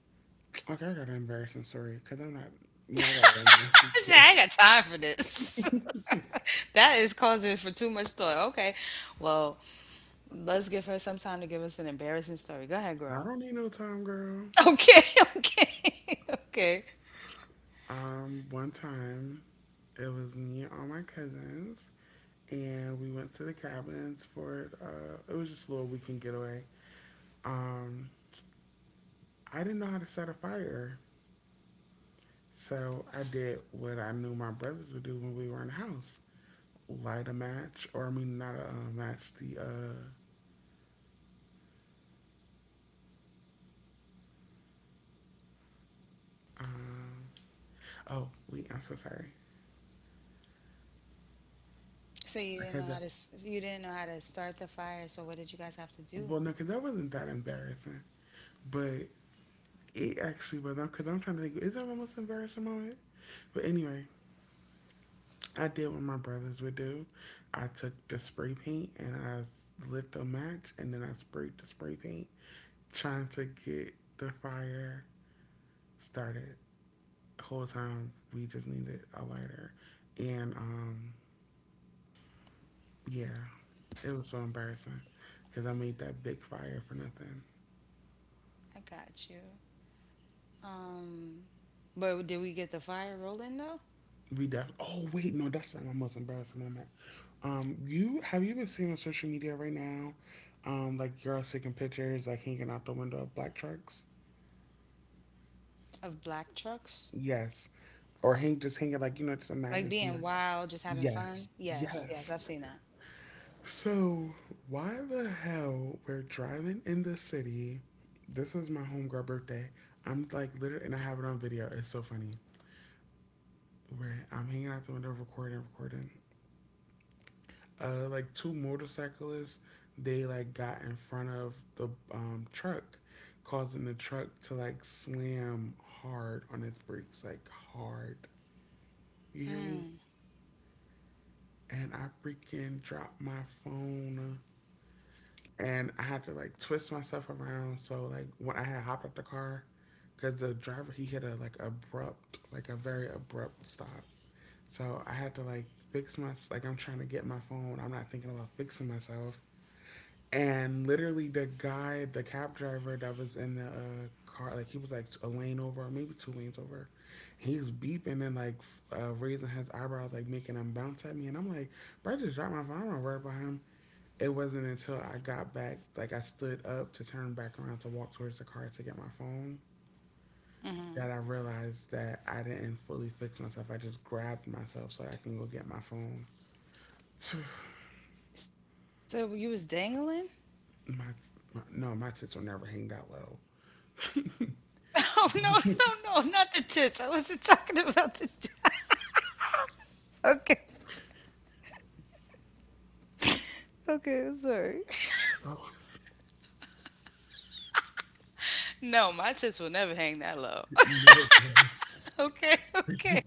Okay, I got an embarrassing story because I'm not. Yeah, I got an embarrassing story.
Shit, I ain't got time for this. That is causing for too much thought. Okay, well, let's give her some time to give us an embarrassing story. Go ahead,
I
girl.
don't need no time, girl.
Okay, okay, okay.
Um, one time it was me and all my cousins, and we went to the cabins for uh, it was just a little weekend getaway. Um, I didn't know how to set a fire, so I did what I knew my brothers would do when we were in the house: light a match, or I mean, not a uh, match. The uh, um, oh, wait, I'm so sorry
So you didn't know
because
how to
that's
s- you didn't know how to start the fire. So what did you guys have to do?
well, no, because that wasn't that embarrassing, but it actually was. Because I'm trying to think, is that my most embarrassing moment? But anyway, I did what my brothers would do. I took the spray paint and I lit the match and then I sprayed the spray paint, trying to get the fire started. The whole time we just needed a lighter. And um, yeah, it was so embarrassing because I made that big fire for nothing.
I got you. Um, But did we get the fire rolling though?
We def. Oh wait, no, that's not my most embarrassing moment. Um, you have you been seeing on social media right now, um, like girls taking pictures, like hanging out the window of black trucks.
Of black trucks,
Yes, or hang just hang it like you know just
like
imagine
being
somebody
wild, just having
yes
fun. Yes, yes,
yes
I've seen that.
so why the hell we're driving in the city, this was my homegirl birthday. I'm like literally and I have it on video, it's so funny, where I'm hanging out the window recording recording uh like two motorcyclists, they like got in front of the um truck, causing the truck to like slam hard on its brakes like hard. You hear me?
Mm.
And I freaking dropped my phone and I had to like twist myself around. So like when I had hopped out the car, because the driver he hit a like abrupt, like a very abrupt stop. So I had to like fix my like I'm trying to get my phone. I'm not thinking about fixing myself. And literally the guy, the cab driver that was in the uh, car, like he was like a lane over, or maybe two lanes over. He was beeping and like uh, raising his eyebrows, like making him bounce at me. And I'm like, bro, I just dropped my phone. I'm not worried about him. It wasn't until I got back, like I stood up to turn back around to walk towards the car to get my phone, that I realized that I didn't fully fix myself. I just grabbed myself so I can go get my phone.
So you was dangling?
my, my no, my tits were never hang that low.
Oh no, no, no, not the tits. I wasn't talking about the tits. Okay. Okay, I'm sorry.
Oh,
No, my tits will never hang that low.
no.
Okay, okay,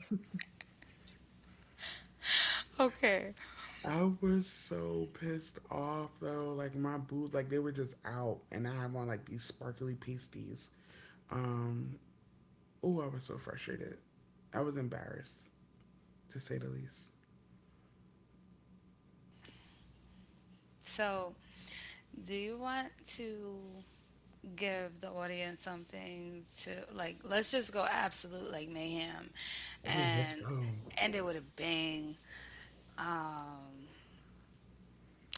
okay.
I was so pissed off though. Like my boobs, like they were just out, and I have on like these sparkly pasties. Um, oh, I was so frustrated. I was embarrassed to say the least.
So, do you want to give the audience something to like? Let's just go absolute like mayhem,
Oh, let's
and
go.
end it with a bang. Um,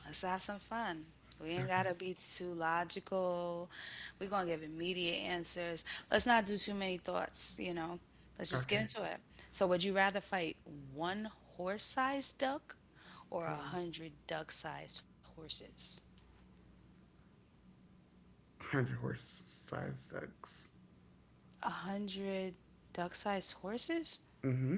Let's have some fun. We ain't
Okay.
gotta be too logical. We're gonna give immediate answers. Let's not do too many thoughts, you know. Let's just get
Okay.
into it. So, would you rather fight one horse sized duck or a
Um,
hundred duck sized horses?
hundred horse size ducks.
A hundred duck sized horses?
Mm-hmm.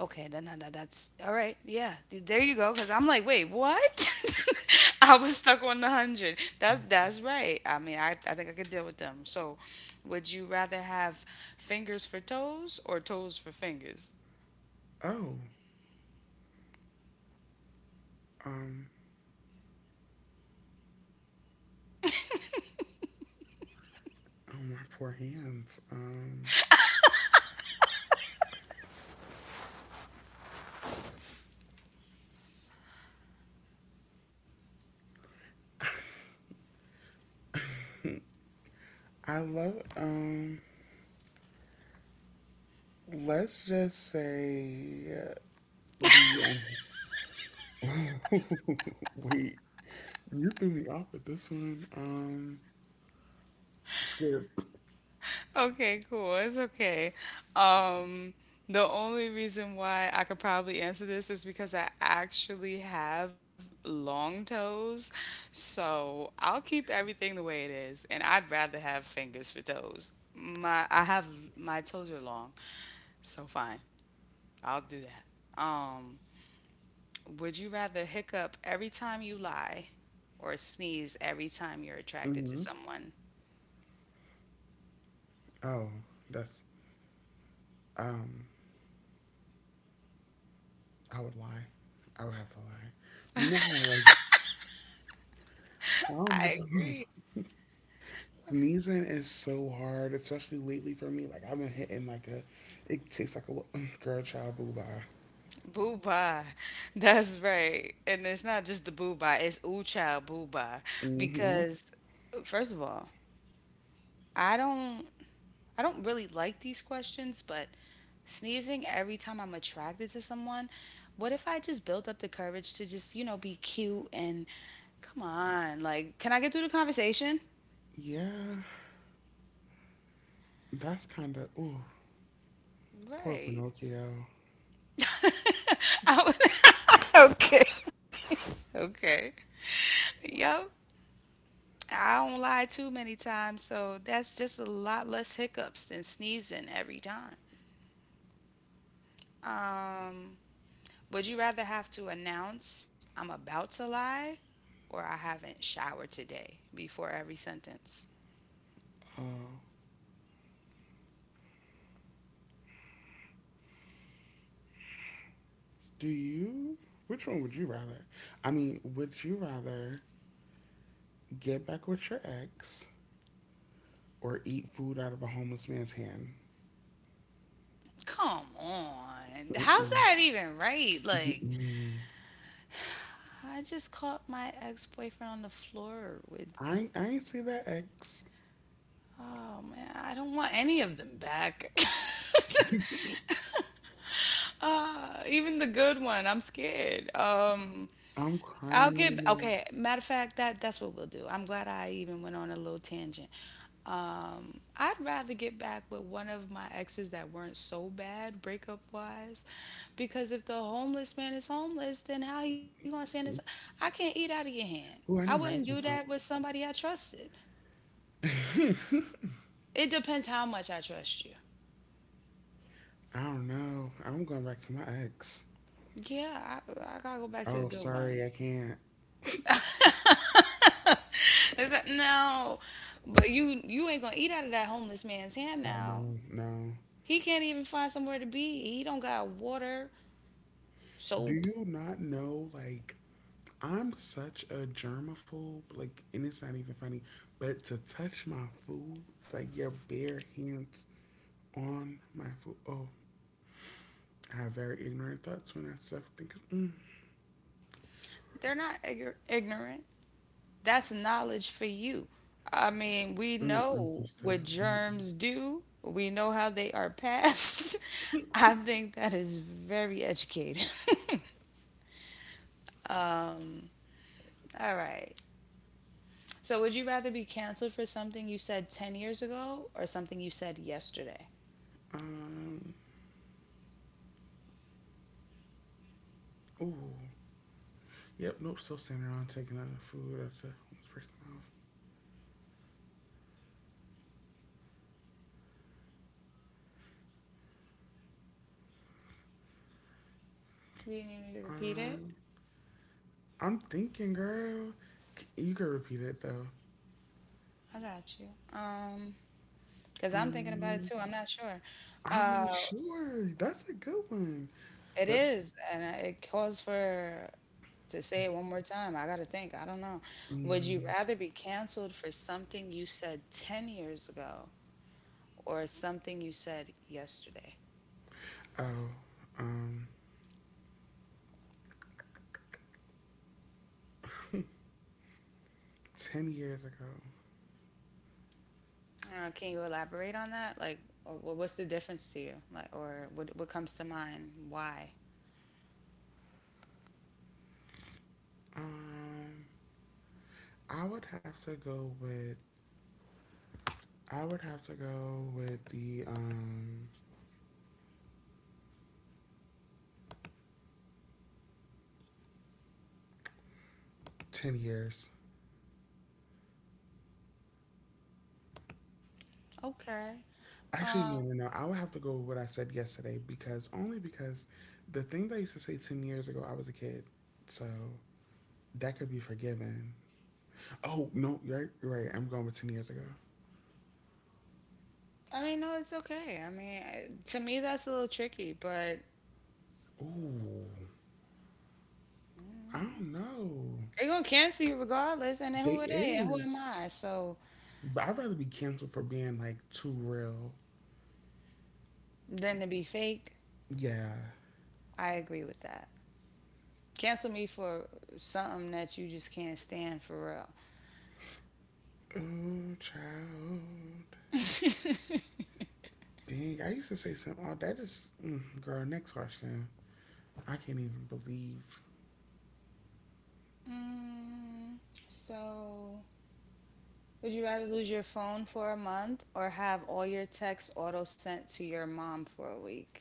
Okay, then that, that- that's all right. Yeah, th- there you go. Cause I'm like, wait, what? I was stuck on the hundred. That's that's right. I mean, I I think I could deal with them. So, would you rather have fingers for toes or toes for fingers?
Oh. Um. Oh my poor hands. Um. I love. Um. Let's just say the. Wait. You threw me off with this one. Um. Skip.
Okay, cool. It's okay. Um, the only reason why I could probably answer this is because I actually have long toes. So I'll keep everything the way it is, and I'd rather have fingers for toes. My I have My toes are long, so fine. I'll do that. Um, would you rather hiccup every time you lie or sneeze every time you're attracted to
Mm-hmm.
someone?
Oh, that's. Um. I would lie. I would have to lie. You know how like. I don't
I
know.
agree.
Sneezing is so hard, especially lately for me. Like I've been hitting like a, it tastes like a lo- girl child boo bye.
Booba. That's right. And it's not just the booba, it's ooh-cha booba.
Mhm.
Because first of all, I don't I don't really like these questions, but sneezing every time I'm attracted to someone, what if I just built up the courage to just, you know, be cute and come on, like, can I get through the conversation?
Yeah, that's kind of ooh, poor
Right.
Pinocchio.
I would- okay. Okay. Yep. I don't lie too many times, so that's just a lot less hiccups than sneezing every time. Um, would you rather have to announce I'm about to lie or I haven't showered today before every sentence?
Do you? Which one would you rather? I mean, would you rather get back with your ex or eat food out of a homeless man's hand?
Come on. How's
Mm-mm.
that even right? Like,
Mm-mm.
I just caught my ex boyfriend on the floor with,
I ain't- I ain't see that ex.
oh man, I don't want any of them back. Even the good one, I'm scared. Um,
I'm
I'll get
crying.
okay. Matter of fact, that that's what we'll do. I'm glad I even went on a little tangent. Um, I'd rather get back with one of my exes that weren't so bad breakup wise, because if the homeless man is homeless, then how you gonna stand? This? I can't eat out of your hand. I
Ooh, I
wouldn't
didn't
do
imagine.
that with somebody I trusted.
Crying.
It depends how much I trust you.
I don't know. I'm going back to my ex.
Yeah, I, I gotta go back to the
Oh,
good one.
sorry, I can't.
It's like, no, but you you ain't gonna eat out of that homeless man's hand
Oh
now.
no, no.
He can't even find somewhere to be. He don't got water,
Do
soap.
you not know? Like, I'm such a germaphobe. Like, and it's not even funny. But to touch my food, like your bare hands on my food. Oh, I have very ignorant thoughts when I stuff think. Mm,
They're not igor- ignorant. That's knowledge for you. I mean, we
mm, mm,
know
sister.
what
Mm,
germs do. We know how they are passed. I think that is very educated. All right. So, would you rather be canceled for something you said ten years ago or something you said yesterday?
um. Ooh. Yep. Nope. Still standing around taking uh, food after this person off.
Do you need me to repeat it?
Um. I'm thinking, girl. C- You can repeat it though.
I got you. Um, because I'm thinking about it
Mm,
too. I'm not sure.
I'm
Uh,
not sure. That's a good one.
It
But
is, and I- it calls for to say it one more time. I gotta think. I don't know. Would you
mm,
rather be canceled for something you said ten years ago or something you said yesterday?
oh, um, ten years ago.
Uh, can you elaborate on that? Like, or wha- what's the difference to you? Like, or what what comes to mind? Why?
Um, I would have to go with. I would have to go with the um ten years.
Okay.
Actually, no,
Um,
no, no. I would have to go with what I said yesterday because only because the things I used to say ten years ago, I was a kid, so that could be forgiven. Oh no, you're right, you're right. I'm going with ten years ago.
I mean, no, it's okay. I mean, I- to me, that's a little tricky, but
Ooh, I don't know.
they're gonna cancel you regardless, and then
They
who are they and who am
is,
I? So
but I'd rather be canceled for being like too real.
then to be fake,
Yeah.
I agree with that. Cancel me for something that you just can't stand for real.
Oh, child. Dang, I used to say something. Oh, that is, mm, girl. Next question. I can't even believe
Mm, so, would you rather lose your phone for a month or have all your texts auto sent to your mom for a week?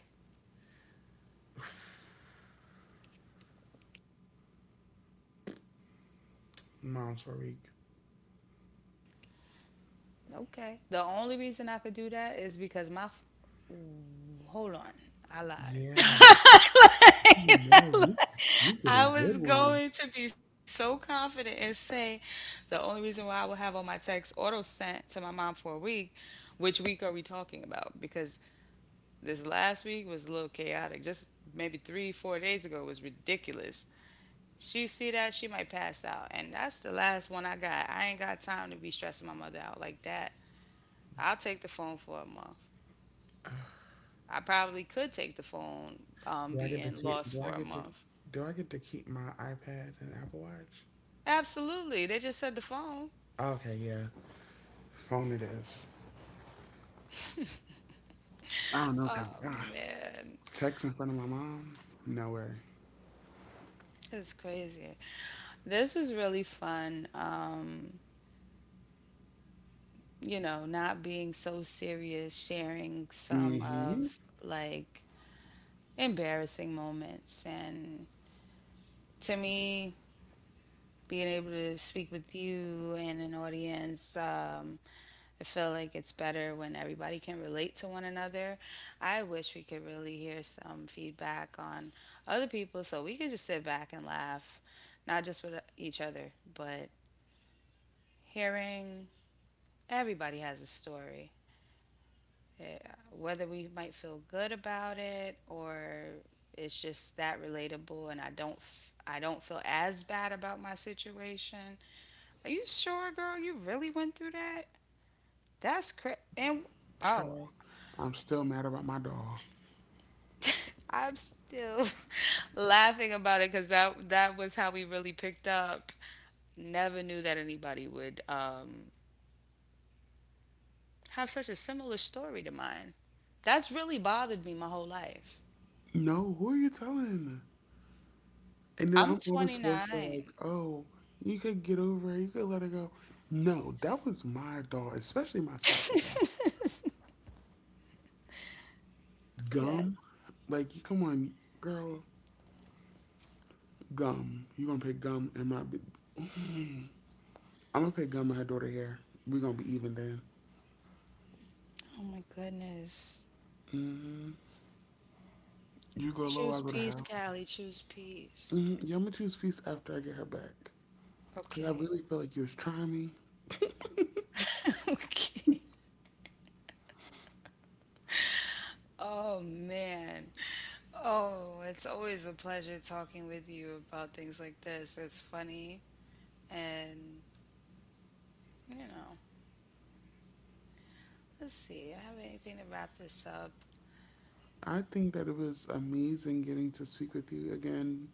moms for a week.
Okay. The only reason I could do that is because my. F- Ooh, hold on. I lied.
Yeah, you know you you get a
I
good
was
one.
going to be so confident and say the only reason why I will have all my texts auto sent to my mom for a week, which week are we talking about? Because this last week was a little chaotic. Just maybe three, four days ago was ridiculous. She see that she might pass out, and that's the last one I got. I ain't got time to be stressing my mother out like that. I'll take the phone for a month. I probably could take the phone um,
Do I get to
being
keep?
lost
Do I
for a
get to?
month.
Do I get to keep my iPad and Apple Watch?
Absolutely, they just said the phone.
Okay, yeah. Phone it is. I don't know because uh,
Man,
text in front of my mom? No way.
it's crazy. This was really fun. Um, you know, not being so serious, sharing some
Mm-hmm.
of like embarrassing moments. And to me, being able to speak with you and an audience, um, I feel like it's better when everybody can relate to one another. I wish we could really hear some feedback on other people so we could just sit back and laugh, not just with each other, but hearing everybody has a story, whether we might feel good about it or it's just that relatable and I don't f- I don't feel as bad about my situation. Are you sure, girl? You really went through that? That's cra And oh,
Child, I'm still mad about my doll.
I'm still laughing about it because that that was how we really picked up. Never knew that anybody would um, have such a similar story to mine. That's really bothered me my whole life.
No, who are you telling? And then
I'm
I'm always forced to like,
twenty-nine.
oh, you could get over it, you could let it go. No, that was my doll, especially my soccer doll. Gum, like you come on, girl, gum. You gonna pay gum in my? I'm gonna pay gum in her daughter hair. We gonna be even then.
Oh my goodness.
You go low,
Choose
I go to
peace,
hell.
Callie. Choose peace.
Hmm. Yeah, I'm gonna choose feast after I get her back. 'Cause I
Okay.
really feel like you was trying me.
Okay. Oh man. Oh, it's always a pleasure talking with you about things like this. It's funny. And, you know, let's see. I have anything to wrap this up.
I think that it was amazing getting to speak with you again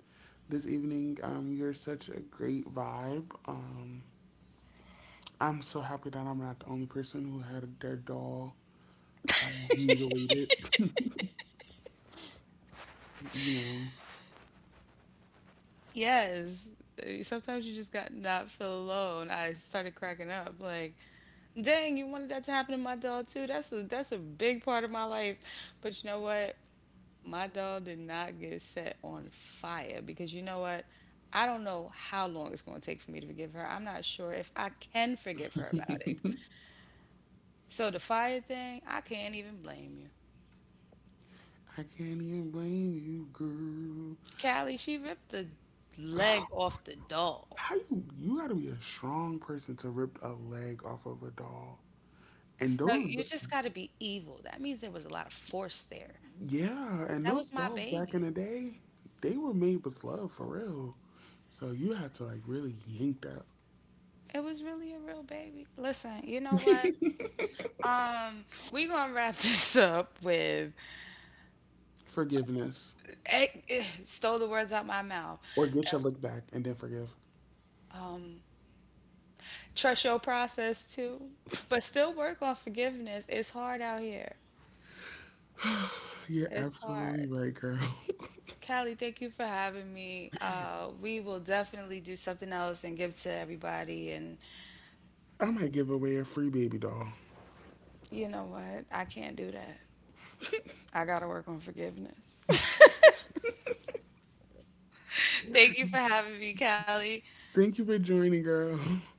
this evening. Um, you're such a great vibe. Um, I'm so happy that I'm not the only person who had their doll uh, mutilated. You know,
Yes. uh, Sometimes you just got not feel alone. I started cracking up. Like, dang, you wanted that to happen to my dog too. That's a that's a big part of my life. But you know what? My dog did not get set on fire because you know what? I don't know how long it's going to take for me to forgive her. I'm not sure if I can forgive her about it. So the fire thing, I can't even blame you.
I can't even blame you, girl.
Callie, she ripped the leg off the doll.
How you you gotta be a strong person to rip a leg off of a doll. And
No,
those
you just got to be evil. That means there was a lot of force there.
Yeah, and
That
those
was my
dolls back
baby.
in the day, they were made with love for real. So you had to like really yank that
It was really a real baby. Listen, you know what? Um, we gonna wrap this up with
forgiveness
eh, eh, stole the words out my mouth.
or get your look back and then forgive.
Trust your process too. But still work on forgiveness. It's hard out here.
You're
It's
absolutely
hard.
right, girl.
Callie, thank you for having me. Uh, we will definitely do something else and give to everybody. And
I might give away a free baby doll.
you know what? I can't do that. I got to work on forgiveness. Thank you for having me, Callie.
Thank you for joining, girl.